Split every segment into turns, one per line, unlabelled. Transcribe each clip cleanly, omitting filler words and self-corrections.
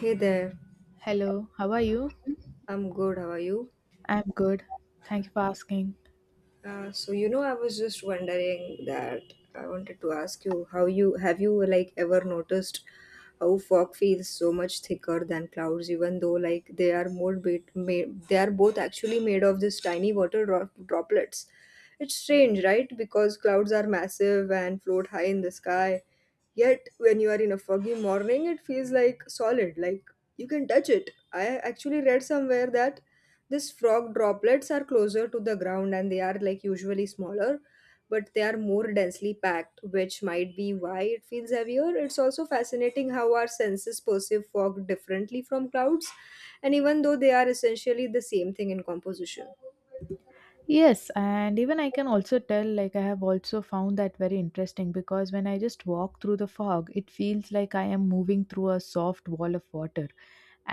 Hey there,
Hello, how are you?
I'm good. How are you?
I'm good. Thank you for asking.
So I was just wondering that I wanted to ask you how you have you like ever noticed how fog feels so much thicker than clouds, even though like they are both actually made of this tiny droplets. It's strange, right? Because clouds are massive and float high in the sky. Yet, when you are in a foggy morning, it feels like solid, like you can touch it. I actually read somewhere that these frog droplets are closer to the ground and they are like usually smaller, but they are more densely packed, which might be why it feels heavier. It's also fascinating how our senses perceive fog differently from clouds, and even though they are essentially the same thing in composition.
Yes, and even I can also tell, like, I have also found that very interesting because when I just walk through the fog, it feels like I am moving through a soft wall of water.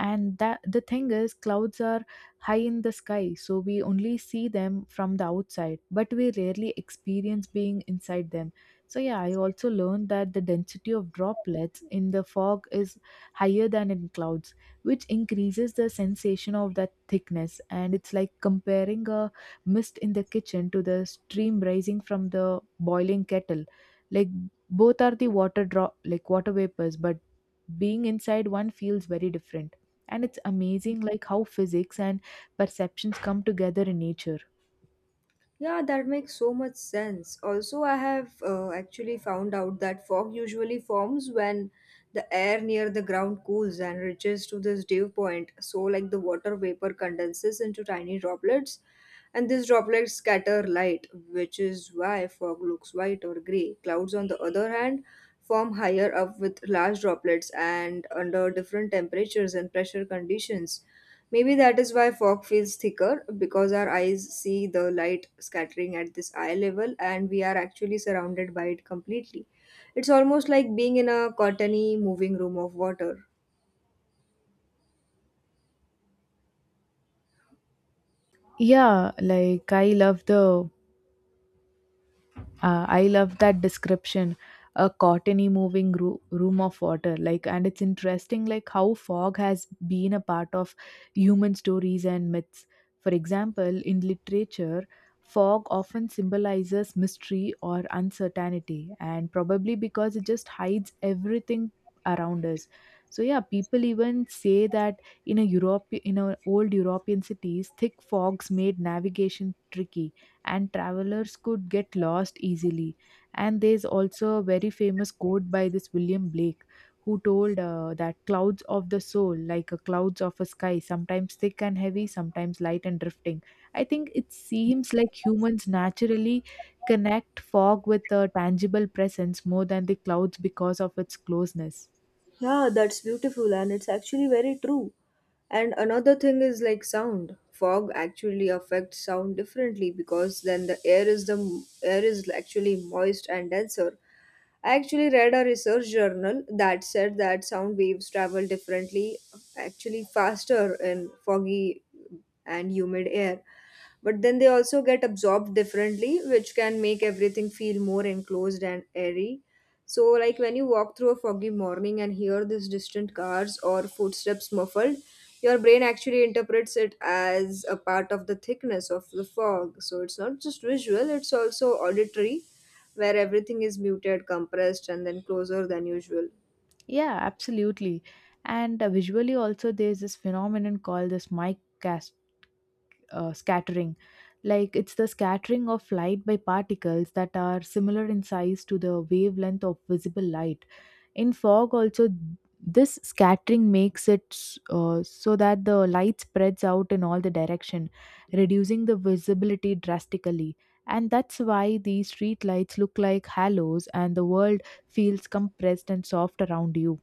And that the thing is clouds are high in the sky, so we only see them from the outside, but we rarely experience being inside them. So yeah, I also learned that the density of droplets in the fog is higher than in clouds, which increases the sensation of that thickness. And it's like comparing a mist in the kitchen to the stream rising from the boiling kettle, like both are the water drop, like water vapors, but being inside one feels very different. And it's amazing like how physics and perceptions come together in nature.
Yeah, that makes so much sense. Also, I have actually found out that fog usually forms when the air near the ground cools and reaches to this dew point. So, like the water vapor condenses into tiny droplets, and these droplets scatter light, which is why fog looks white or gray. Clouds, on the other hand, form higher up with large droplets and under different temperatures and pressure conditions. Maybe that is why fog feels thicker because our eyes see the light scattering at this eye level and we are actually surrounded by it completely. It's almost like being in a cottony moving room of water.
Yeah, like I love that description. A cottony moving room of water, like, and it's interesting, like how fog has been a part of human stories and myths. For example, in literature, fog often symbolizes mystery or uncertainty, and probably because it just hides everything around us. So yeah, people even say that in a Europe, in a old European cities, thick fogs made navigation tricky and travelers could get lost easily. And there's also a very famous quote by this William Blake who told that clouds of the soul, like a clouds of a sky, sometimes thick and heavy, sometimes light and drifting. I think it seems like humans naturally connect fog with a tangible presence more than the clouds because of its closeness.
Yeah, that's beautiful and it's actually very true. And another thing is like sound. Fog actually affects sound differently because then the air is actually moist and denser. I actually read a research journal that said that sound waves travel differently, actually faster in foggy and humid air. But then they also get absorbed differently, which can make everything feel more enclosed and airy. So, like when you walk through a foggy morning and hear these distant cars or footsteps muffled, your brain actually interprets it as a part of the thickness of the fog. So, it's not just visual, it's also auditory, where everything is muted, compressed, and then closer than usual.
Yeah, absolutely. And visually, also, there's this phenomenon called this mic scattering, like it's the scattering of light by particles that are similar in size to the wavelength of visible light in fog. Also, this scattering makes it so that the light spreads out in all the direction, reducing the visibility drastically. And that's why these street lights look like halos and the world feels compressed and soft around you.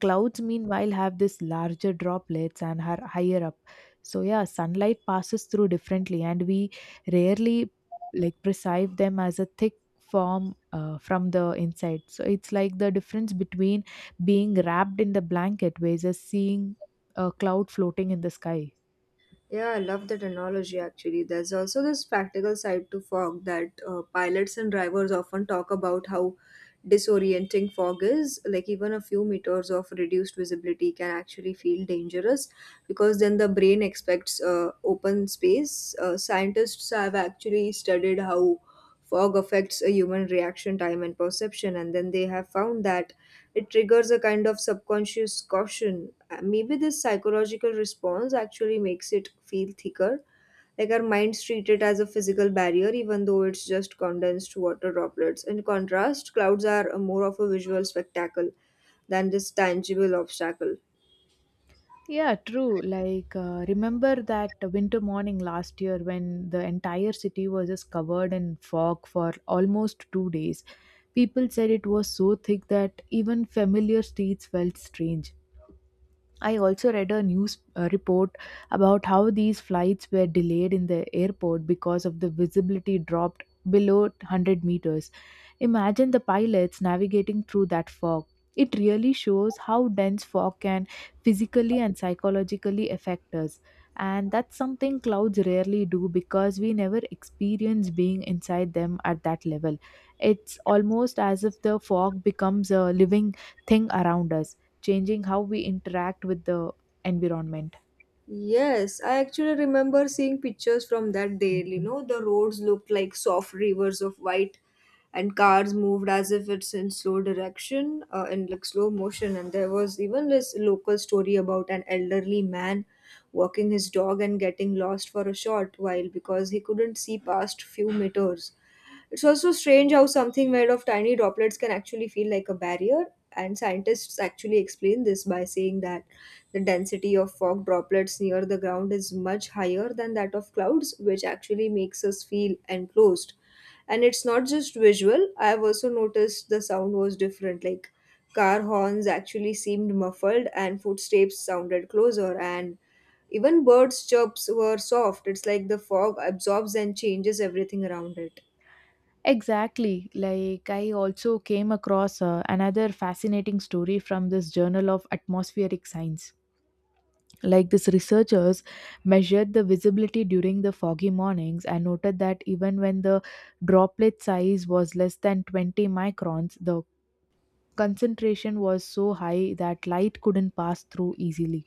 Clouds, meanwhile, have this larger droplets and are higher up. So, yeah, sunlight passes through differently, and we rarely like perceive them as a thick form from the inside. So, it's like the difference between being wrapped in the blanket versus seeing a cloud floating in the sky.
Yeah, I love that analogy actually. There's also this practical side to fog that pilots and drivers often talk about how disorienting fog is. Like, even a few meters of reduced visibility can actually feel dangerous because then the brain expects open space. Scientists have actually studied how fog affects a human reaction time and perception, and then they have found that it triggers a kind of subconscious caution. Maybe this psychological response actually makes it feel thicker. Like our minds treat it as a physical barrier, even though it's just condensed water droplets. In contrast, clouds are more of a visual spectacle than this tangible obstacle.
Yeah, true. Like, remember that winter morning last year when the entire city was just covered in fog for almost 2 days? People said it was so thick that even familiar streets felt strange. I also read a news report about how these flights were delayed in the airport because of the visibility dropped below 100 meters. Imagine the pilots navigating through that fog. It really shows how dense fog can physically and psychologically affect us. And that's something clouds rarely do because we never experience being inside them at that level. It's almost as if the fog becomes a living thing around us, changing how we interact with the environment.
Yes, I actually remember seeing pictures from that day. You know, the roads looked like soft rivers of white and cars moved as if it's in slow direction in like slow motion, and there was even this local story about an elderly man walking his dog and getting lost for a short while because he couldn't see past few meters. It's also strange how something made of tiny droplets can actually feel like a barrier, and scientists actually explain this by saying that the density of fog droplets near the ground is much higher than that of clouds, which actually makes us feel enclosed. And it's not just visual, I've also noticed the sound was different. Like car horns actually seemed muffled, and footsteps sounded closer, and even birds' chirps were soft. It's like the fog absorbs and changes everything around it.
Exactly. Like, I also came across another fascinating story from this Journal of Atmospheric Science. Like, this researchers measured the visibility during the foggy mornings and noted that even when the droplet size was less than 20 microns, the concentration was so high that light couldn't pass through easily.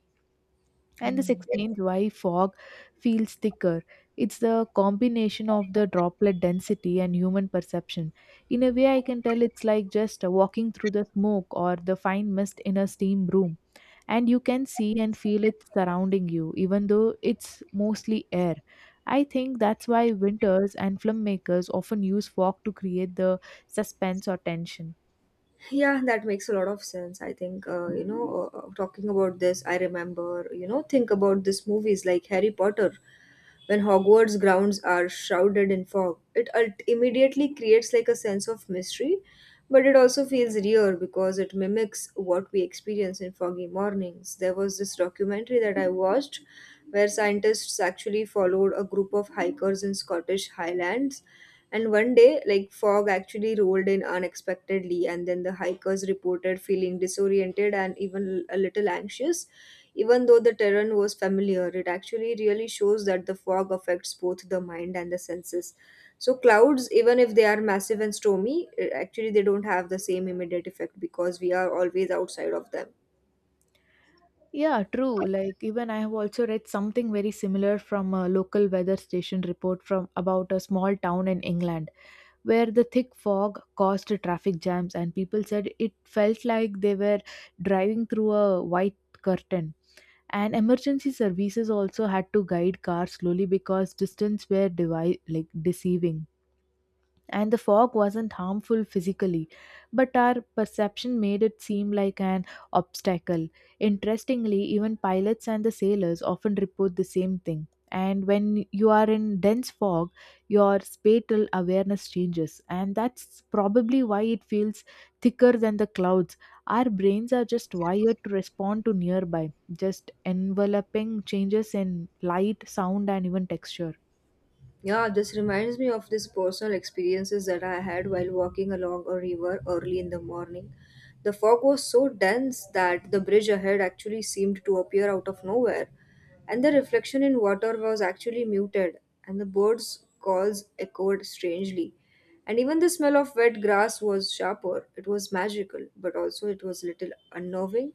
And this explains why fog feels thicker. It's the combination of the droplet density and human perception. In a way, I can tell it's like just walking through the smoke or the fine mist in a steam room, and you can see and feel it surrounding you, even though it's mostly air. I think that's why winters and filmmakers often use fog to create the suspense or tension.
Yeah, that makes a lot of sense. I think, talking about this, I remember, think about this movies like Harry Potter. When Hogwarts grounds are shrouded in fog, immediately creates like a sense of mystery, but it also feels real because it mimics what we experience in foggy mornings. There was this documentary that I watched where scientists actually followed a group of hikers in Scottish Highlands. And one day, like fog actually rolled in unexpectedly, and then the hikers reported feeling disoriented and even a little anxious. Even though the terrain was familiar, it actually really shows that the fog affects both the mind and the senses. So clouds, even if they are massive and stormy, actually they don't have the same immediate effect because we are always outside of them.
Yeah, true. Like, even I have also read something very similar from a local weather station report from about a small town in England where the thick fog caused traffic jams and people said it felt like they were driving through a white curtain. And emergency services also had to guide cars slowly because distance were like deceiving, and the fog wasn't harmful physically, but our perception made it seem like an obstacle. Interestingly, even pilots and the sailors often report the same thing. And when you are in dense fog, your spatial awareness changes, and that's probably why it feels thicker than the clouds. Our brains are just wired to respond to nearby, just enveloping changes in light, sound, and even texture.
Yeah, this reminds me of these personal experiences that I had while walking along a river early in the morning. The fog was so dense that the bridge ahead actually seemed to appear out of nowhere, and the reflection in water was actually muted, and the birds' calls echoed strangely. And even the smell of wet grass was sharper. It was magical, but also it was little unnerving.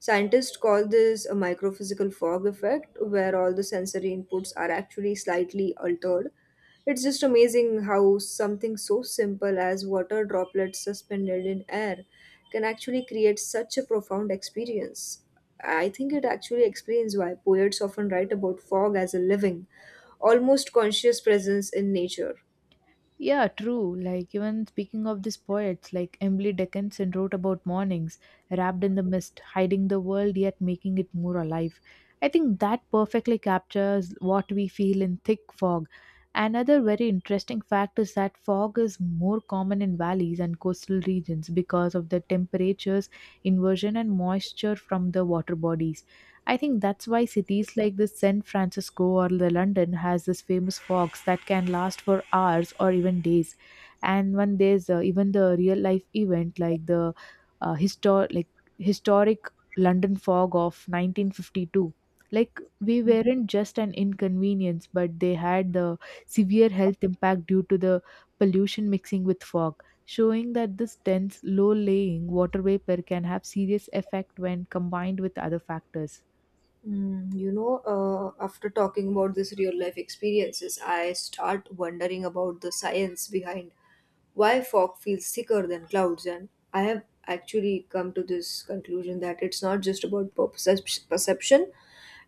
Scientists call this a microphysical fog effect, where all the sensory inputs are actually slightly altered. It's just amazing how something so simple as water droplets suspended in air can actually create such a profound experience. I think it actually explains why poets often write about fog as a living, almost conscious presence in nature.
Yeah, true. Like, even speaking of these poets, like Emily Dickinson wrote about mornings wrapped in the mist, hiding the world yet making it more alive. I think that perfectly captures what we feel in thick fog. Another very interesting fact is that fog is more common in valleys and coastal regions because of the temperatures, inversion, and moisture from the water bodies. I think that's why cities like this San Francisco or the London has this famous fogs that can last for hours or even days. And when there's even the real life event like the uh, histor- like historic London fog of 1952, like we weren't just an inconvenience, but they had the severe health impact due to the pollution mixing with fog, showing that this dense, low-laying water vapor can have serious effect when combined with other factors.
You know, after talking about this real life experiences, I start wondering about the science behind why fog feels thicker than clouds, and I have actually come to this conclusion that it's not just about perception.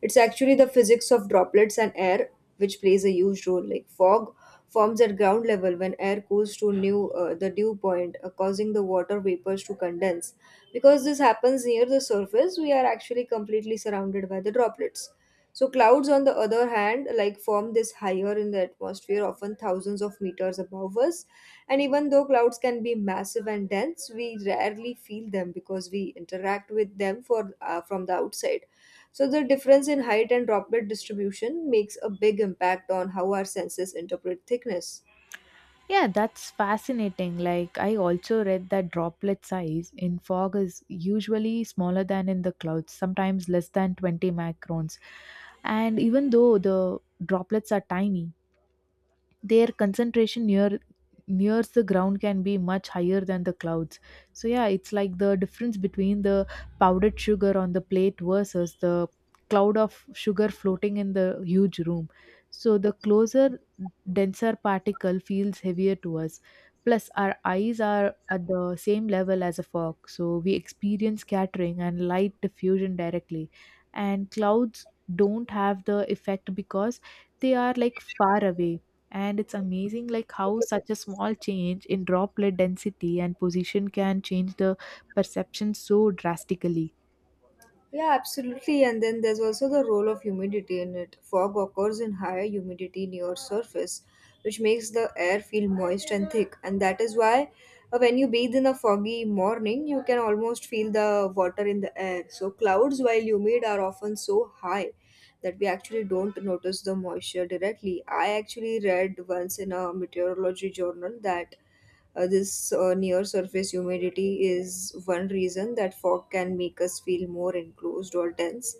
It's actually the physics of droplets and air which plays a huge role. Like fog forms at ground level when air cools to new the dew point, causing the water vapors to condense. Because this happens near the surface, we are actually completely surrounded by the droplets. So clouds, on the other hand, like form this higher in the atmosphere, often thousands of meters above us. And even though clouds can be massive and dense, we rarely feel them because we interact with them for from the outside. So the difference in height and droplet distribution makes a big impact on how our senses interpret thickness.
Yeah, that's fascinating. Like, I also read that droplet size in fog is usually smaller than in the clouds, sometimes less than 20 microns. And even though the droplets are tiny, their concentration nears the ground can be much higher than the clouds. So yeah, it's like the difference between the powdered sugar on the plate versus the cloud of sugar floating in the huge room. So the closer, denser particle feels heavier to us, plus our eyes are at the same level as a fog, so we experience scattering and light diffusion directly. And clouds don't have the effect because they are like far away. And it's amazing like how such a small change in droplet density and position can change the perception so drastically.
Yeah, absolutely. And then there's also the role of humidity in it. Fog occurs in higher humidity near surface, which makes the air feel moist and thick. And that is why when you bathe in a foggy morning, you can almost feel the water in the air. So clouds, while humid, are often so high that we actually don't notice the moisture directly. I actually read once in a meteorology journal that this near surface humidity is one reason that fog can make us feel more enclosed or tense.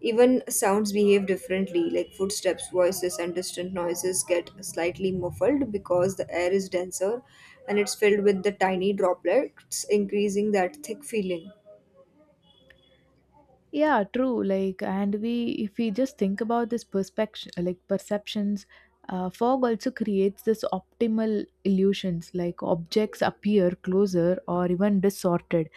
Even sounds behave differently, like footsteps, voices, and distant noises get slightly muffled because the air is denser and it's filled with the tiny droplets, increasing that thick feeling.
Yeah, true. Like, and we, if we just think about this perspective, like perceptions, fog also creates this optimal illusions, like objects appear closer or even distorted,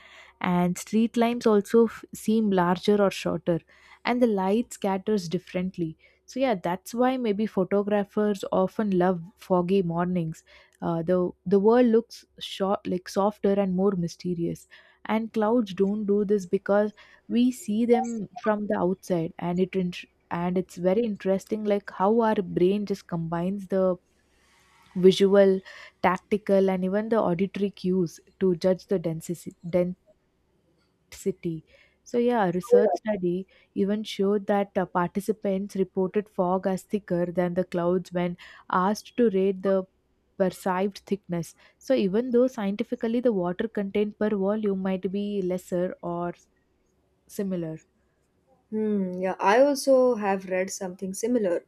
and street lines also seem larger or shorter, and the light scatters differently. So yeah, that's why maybe photographers often love foggy mornings. The world looks short like softer and more mysterious. And clouds don't do this because we see them from the outside. And it's very interesting like how our brain just combines the visual, tactical, and even the auditory cues to judge the density. So yeah, a research study even showed that participants reported fog as thicker than the clouds when asked to rate the perceived thickness, so even though scientifically the water content per volume might be lesser or similar.
Hmm, yeah, I also have read something similar.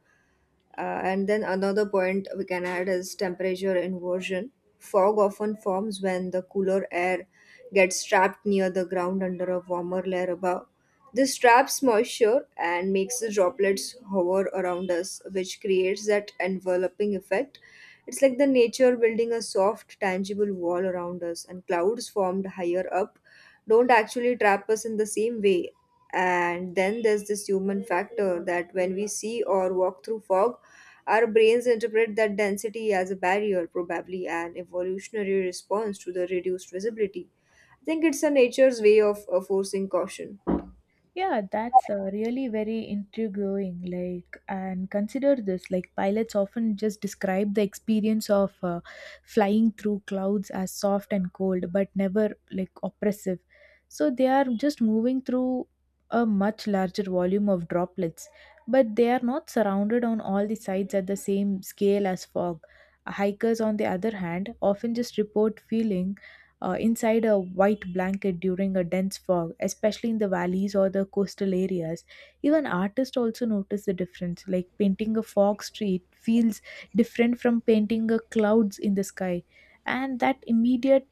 And then another point we can add is temperature inversion. Fog often forms when the cooler air gets trapped near the ground under a warmer layer above. This traps moisture and makes the droplets hover around us, which creates that enveloping effect. It's like the nature building a soft, tangible wall around us, and clouds formed higher up don't actually trap us in the same way. And then there's this human factor that when we see or walk through fog, our brains interpret that density as a barrier, probably an evolutionary response to the reduced visibility. I think it's a nature's way of forcing caution.
Yeah, that's really very intriguing. Like, and consider this: like, pilots often just describe the experience of flying through clouds as soft and cold, but never like oppressive. So they are just moving through a much larger volume of droplets, but they are not surrounded on all the sides at the same scale as fog. Hikers, on the other hand, often just report feeling inside a white blanket during a dense fog, especially in the valleys or the coastal areas. Even artists also notice the difference, like painting a fog street feels different from painting a clouds in the sky. And that immediate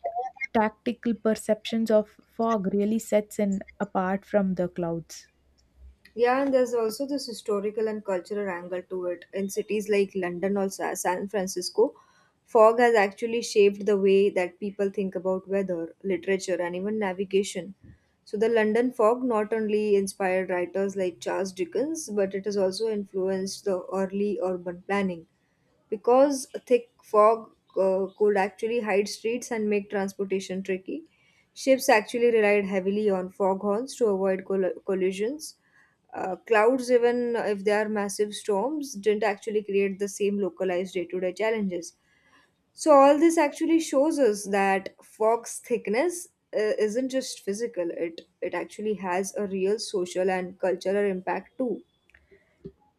tactical perceptions of fog really sets in apart from the clouds.
Yeah, and there's also this historical and cultural angle to it. In cities like London or San Francisco, fog has actually shaped the way that people think about weather, literature, and even navigation. So, the London fog not only inspired writers like Charles Dickens, but it has also influenced the early urban planning. Because a thick fog could actually hide streets and make transportation tricky, ships actually relied heavily on foghorns to avoid collisions. Clouds, even if they are massive storms, didn't actually create the same localized day to day challenges. So, all this actually shows us that fog's thickness isn't just physical, it actually has a real social and cultural impact too.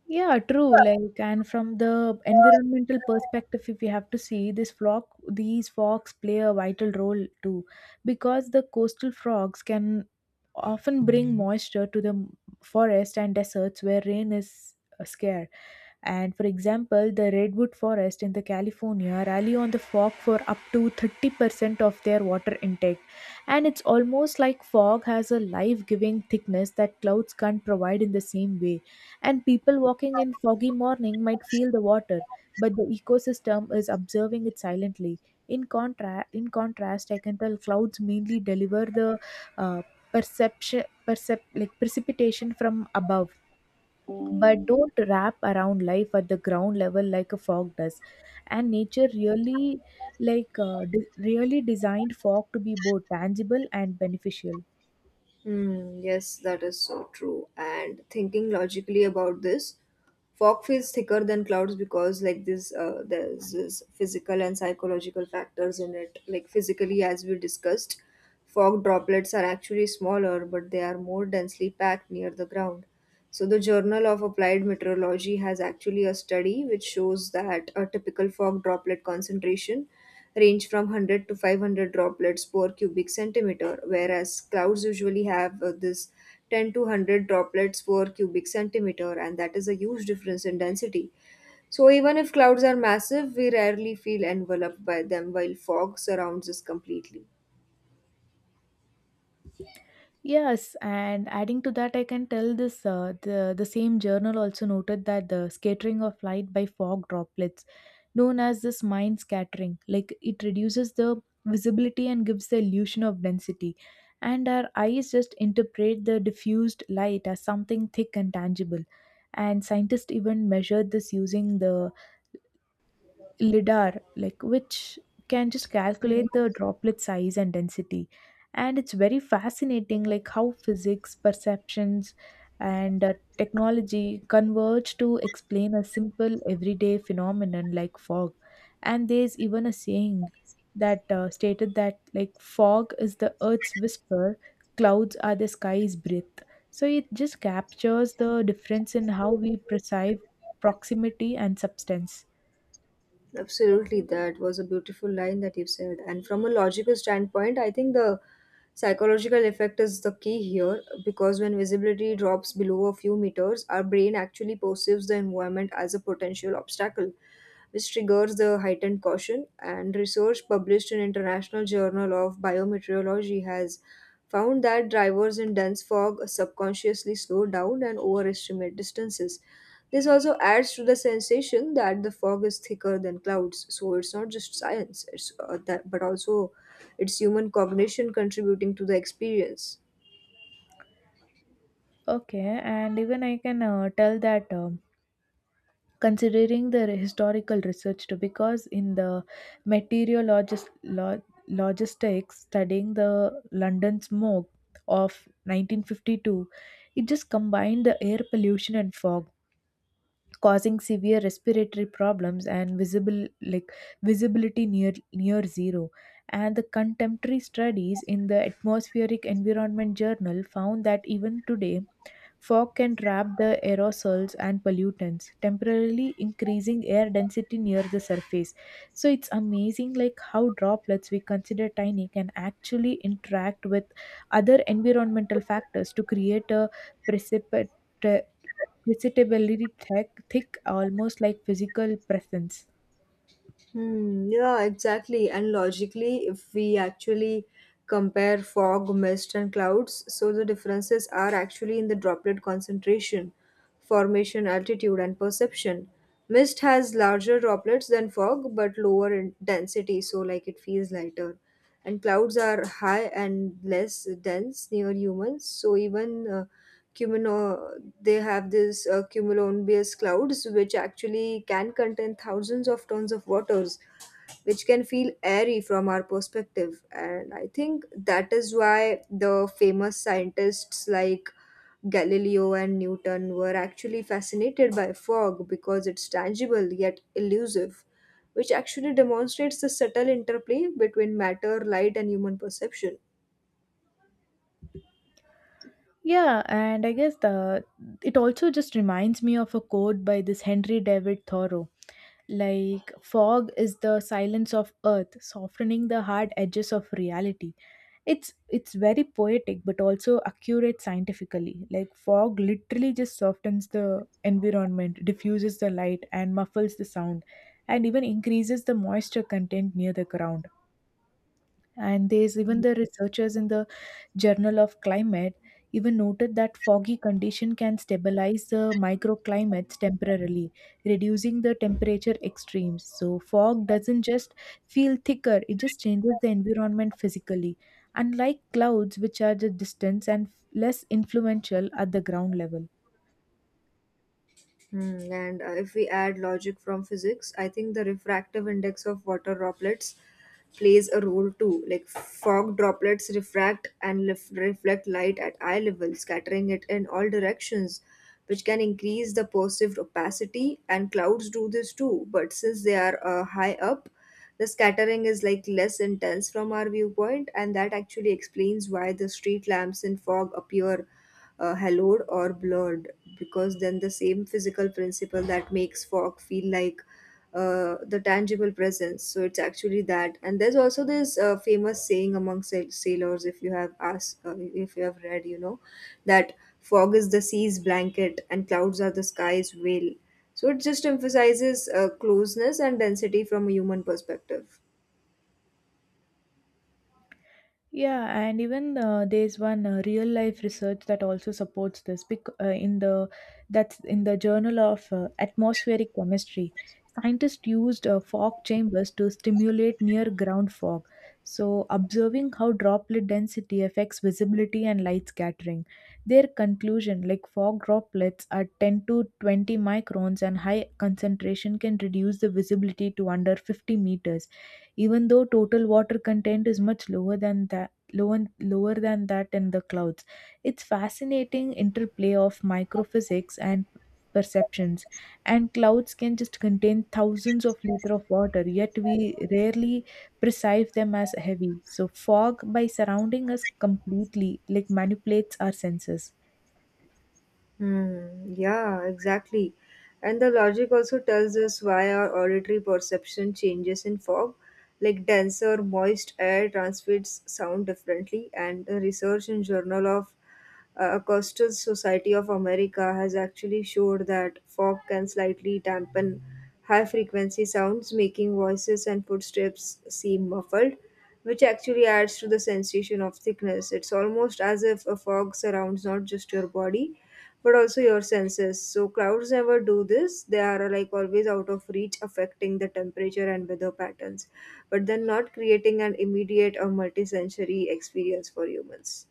Yeah, true. Like, and from the environmental perspective, if you have to see this flock, these frogs play a vital role too, because the coastal frogs can often bring moisture to the forest and deserts where rain is scarce. And for example, the redwood forest in the California rally on the fog for up to 30% of their water intake. And it's almost like fog has a life-giving thickness that clouds can't provide in the same way. And people walking in foggy morning might feel the water, but the ecosystem is observing it silently. In contrast, I can tell clouds mainly deliver the uh, perception, percep- like precipitation from above, but don't wrap around life at the ground level like a fog does. And nature really, really designed fog to be both tangible and beneficial.
Hmm, yes, that is so true. And thinking logically about this, fog feels thicker than clouds because like this there's this physical and psychological factors in it. Like physically, as we discussed, fog droplets are actually smaller, but they are more densely packed near the ground. So, the Journal of Applied Meteorology has actually a study which shows that a typical fog droplet concentration range from 100 to 500 droplets per cubic centimeter, whereas clouds usually have this 10 to 100 droplets per cubic centimeter, and that is a huge difference in density. So, even if clouds are massive, we rarely feel enveloped by them, while fog surrounds us completely.
Yes, and adding to that, I can tell this the same journal also noted that the scattering of light by fog droplets, known as this mind scattering, like it reduces the visibility and gives the illusion of density. And our eyes just interpret the diffused light as something thick and tangible. And scientists even measured this using the lidar, which can just calculate the droplet size and density, and it's very fascinating like how physics perceptions and technology converge to explain a simple everyday phenomenon like fog. And there's even a saying that stated that like fog is the earth's whisper, clouds are the sky's breath. So it just captures the difference in how we perceive proximity and substance.
Absolutely, that was a beautiful line that you said. And from a logical standpoint, I think the psychological effect is the key here because when visibility drops below a few meters, our brain actually perceives the environment as a potential obstacle which triggers the heightened caution. And research published in International Journal of Biometeorology has found that drivers in dense fog subconsciously slow down and overestimate distances. This also adds to the sensation that the fog is thicker than clouds. So it's not just science, it's that, but also it's human cognition contributing to the experience.
Okay, and even I can tell that, considering the historical research too, because in the meteorologist lo- logistics studying the London smoke of 1952, it just combined the air pollution and fog, causing severe respiratory problems and visible like visibility near zero. And the contemporary studies in the Atmospheric Environment Journal found that even today fog can trap the aerosols and pollutants, temporarily increasing air density near the surface. So it's amazing like how droplets we consider tiny can actually interact with other environmental factors to create a precipit precipitably thick, almost like physical presence.
Hmm, yeah, exactly. And logically, if we actually compare fog, mist, and clouds, so the differences are actually in the droplet concentration, formation, altitude, and perception. Mist has larger droplets than fog, but lower in density, so like it feels lighter. And clouds are high and less dense near humans, so even they have this cumulonimbus clouds which actually can contain thousands of tons of waters which can feel airy from our perspective, and I think that is why the famous scientists like Galileo and Newton were actually fascinated by fog because it's tangible yet elusive, which actually demonstrates the subtle interplay between matter, light, and human perception.
Yeah, and I guess the it also just reminds me of a quote by this Henry David Thoreau. Like fog is the silence of earth, softening the hard edges of reality. It's very poetic but also accurate scientifically. Like fog literally just softens the environment, diffuses the light and muffles the sound, and even increases the moisture content near the ground. And there's even the researchers in the Journal of Climate even noted that foggy condition can stabilize the microclimates temporarily, reducing the temperature extremes. So fog doesn't just feel thicker, it just changes the environment physically. Unlike clouds, which are the distance and less influential at the ground level.
Hmm, and if we add logic from physics, I think the refractive index of water droplets plays a role too. Like fog droplets refract and reflect light at eye level, scattering it in all directions, which can increase the perceived opacity. And clouds do this too, but since they are high up, the scattering is like less intense from our viewpoint, and that actually explains why the street lamps in fog appear hallowed or blurred, because then the same physical principle that makes fog feel like the tangible presence. So it's actually that, and there's also this famous saying among sailors, if you have asked, if you have read, you know, that fog is the sea's blanket and clouds are the sky's veil, so it just emphasizes closeness and density from a human perspective.
Yeah, and even there's one real life research that also supports this, in the that's in the Journal of Atmospheric Chemistry. Scientists used fog chambers to stimulate near ground fog, so observing how droplet density affects visibility and light scattering. Their conclusion, like fog droplets at 10 to 20 microns and high concentration can reduce the visibility to under 50 meters, even though total water content is much lower than that lower, lower than that in the clouds. It's fascinating interplay of microphysics and perceptions, and clouds can just contain thousands of liters of water yet we rarely perceive them as heavy. So fog, by surrounding us completely, like manipulates our senses.
Hmm, yeah, exactly. And the logic also tells us why our auditory perception changes in fog. Like dense or moist air transmits sound differently, and the research in Journal of Acoustical Society of America has actually showed that fog can slightly dampen high frequency sounds, making voices and footsteps seem muffled, which actually adds to the sensation of thickness. It's almost as if a fog surrounds not just your body but also your senses. So clouds never do this. They are like always out of reach, affecting the temperature and weather patterns, but then not creating an immediate or multi-sensory experience for humans.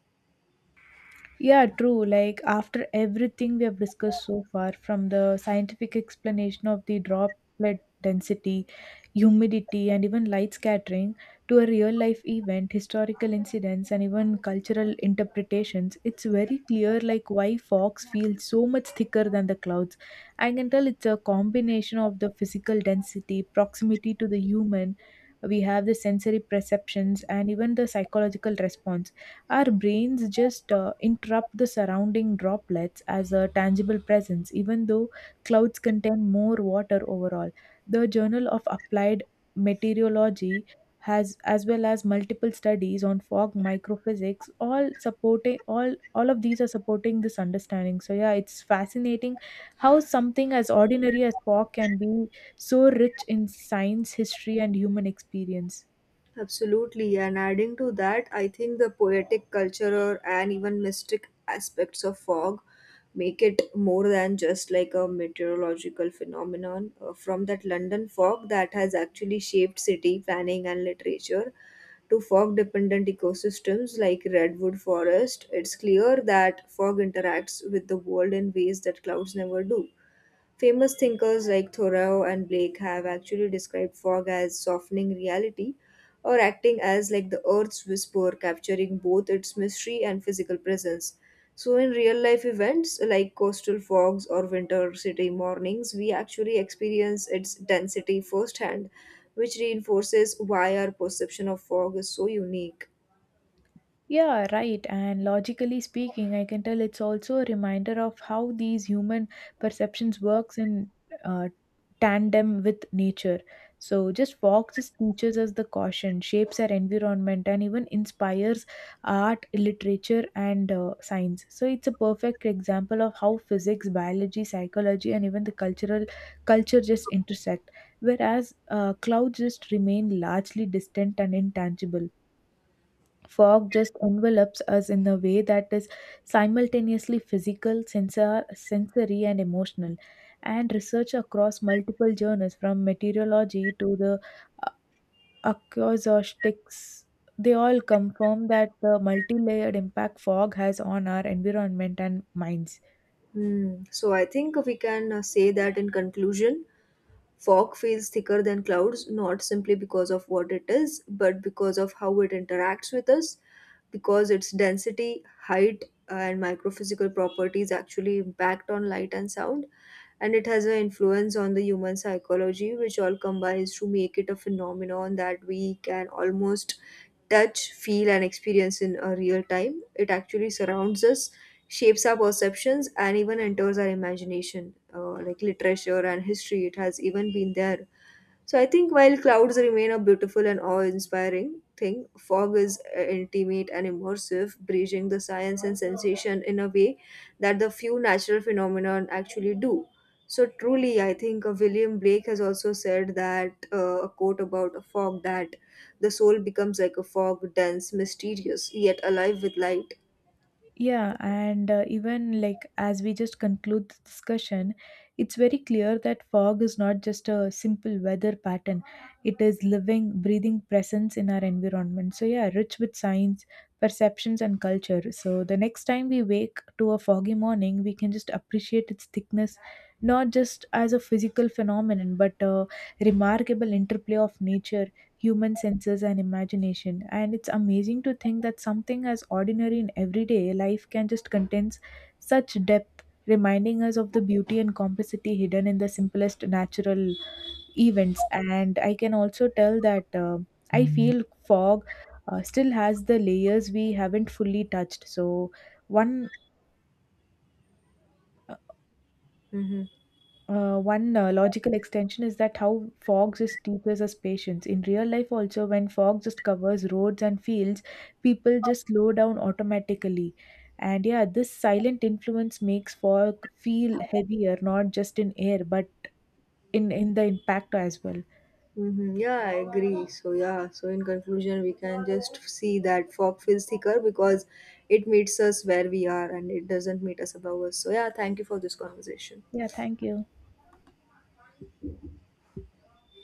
Yeah, true. Like after everything we have discussed so far, from the scientific explanation of the droplet density, humidity, and even light scattering to a real life event, historical incidents, and even cultural interpretations, it's very clear like why fogs feel so much thicker than the clouds. I can tell it's a combination of the physical density, proximity to the human. We have the sensory perceptions and even the psychological response. Our brains just interrupt the surrounding droplets as a tangible presence, even though clouds contain more water overall. The Journal of Applied Meteorology has, as well as multiple studies on fog microphysics, all of these are supporting this understanding. So yeah, it's fascinating how something as ordinary as fog can be so rich in science, history and human experience.
Absolutely, and adding to that, I think the poetic culture and even mystic aspects of fog make it more than just like a meteorological phenomenon. From that London fog that has actually shaped city planning and literature to fog dependent ecosystems like redwood forest, it's clear that fog interacts with the world in ways that clouds never do. Famous thinkers like Thoreau and Blake have actually described fog as softening reality or acting as like the earth's whisper, capturing both its mystery and physical presence. So, in real life events like coastal fogs or winter city mornings, we actually experience its density firsthand, which reinforces why our perception of fog is so unique.
Yeah, right. And logically speaking, I can tell it's also a reminder of how these human perceptions works in uh, tandem with nature. So just foxes teaches us the caution, shapes our environment, and even inspires art, literature, and science. So it's a perfect example of how physics, biology, psychology, and even the cultural culture just intersect. Whereas clouds just remain largely distant and intangible. Fog just envelops us in a way that is simultaneously physical, sensory, and emotional. And research across multiple journals, from meteorology to the uh, acoustics, they all confirm that the multi-layered impact fog has on our environment and minds.
Hmm. So, I think we can say that in conclusion, fog feels thicker than clouds, not simply because of what it is, but because of how it interacts with us, because its density, height, and microphysical properties actually impact on light and sound, and it has an influence on the human psychology, which all combines to make it a phenomenon that we can almost touch, feel, and experience in a real time. It actually surrounds us, shapes our perceptions, and even enters our imagination. Like literature and history, it has even been there. So I think while clouds remain a beautiful and awe-inspiring thing, fog is intimate and immersive, bridging the science and sensation in a way that the few natural phenomenon actually do. So truly, I think William Blake has also said that, a quote about a fog, that the soul becomes like a fog, dense, mysterious, yet alive with light.
Yeah, and even like as we just conclude the discussion, it's very clear that fog is not just a simple weather pattern. It is living, breathing presence in our environment. So yeah, rich with science, perceptions and culture. So the next time we wake to a foggy morning, we can just appreciate its thickness, not just as a physical phenomenon, but a remarkable interplay of nature, human senses and imagination. And it's amazing to think that something as ordinary in everyday life can just contains such depth, reminding us of the beauty and complexity hidden in the simplest natural events. And I can also tell that I feel fog still has the layers we haven't fully touched. So one.
Mhm.
One logical extension is that how fog just teaches us patience. In real life, also, when fog just covers roads and fields, people just slow down automatically. And yeah, this silent influence makes fog feel heavier, not just in air, but in the impact as well.
Mm-hmm. Yeah, I agree. So, yeah, so in conclusion, we can just see that fog feels thicker because it meets us where we are and it doesn't meet us above us. So, yeah, thank you for this conversation.
Yeah, thank you.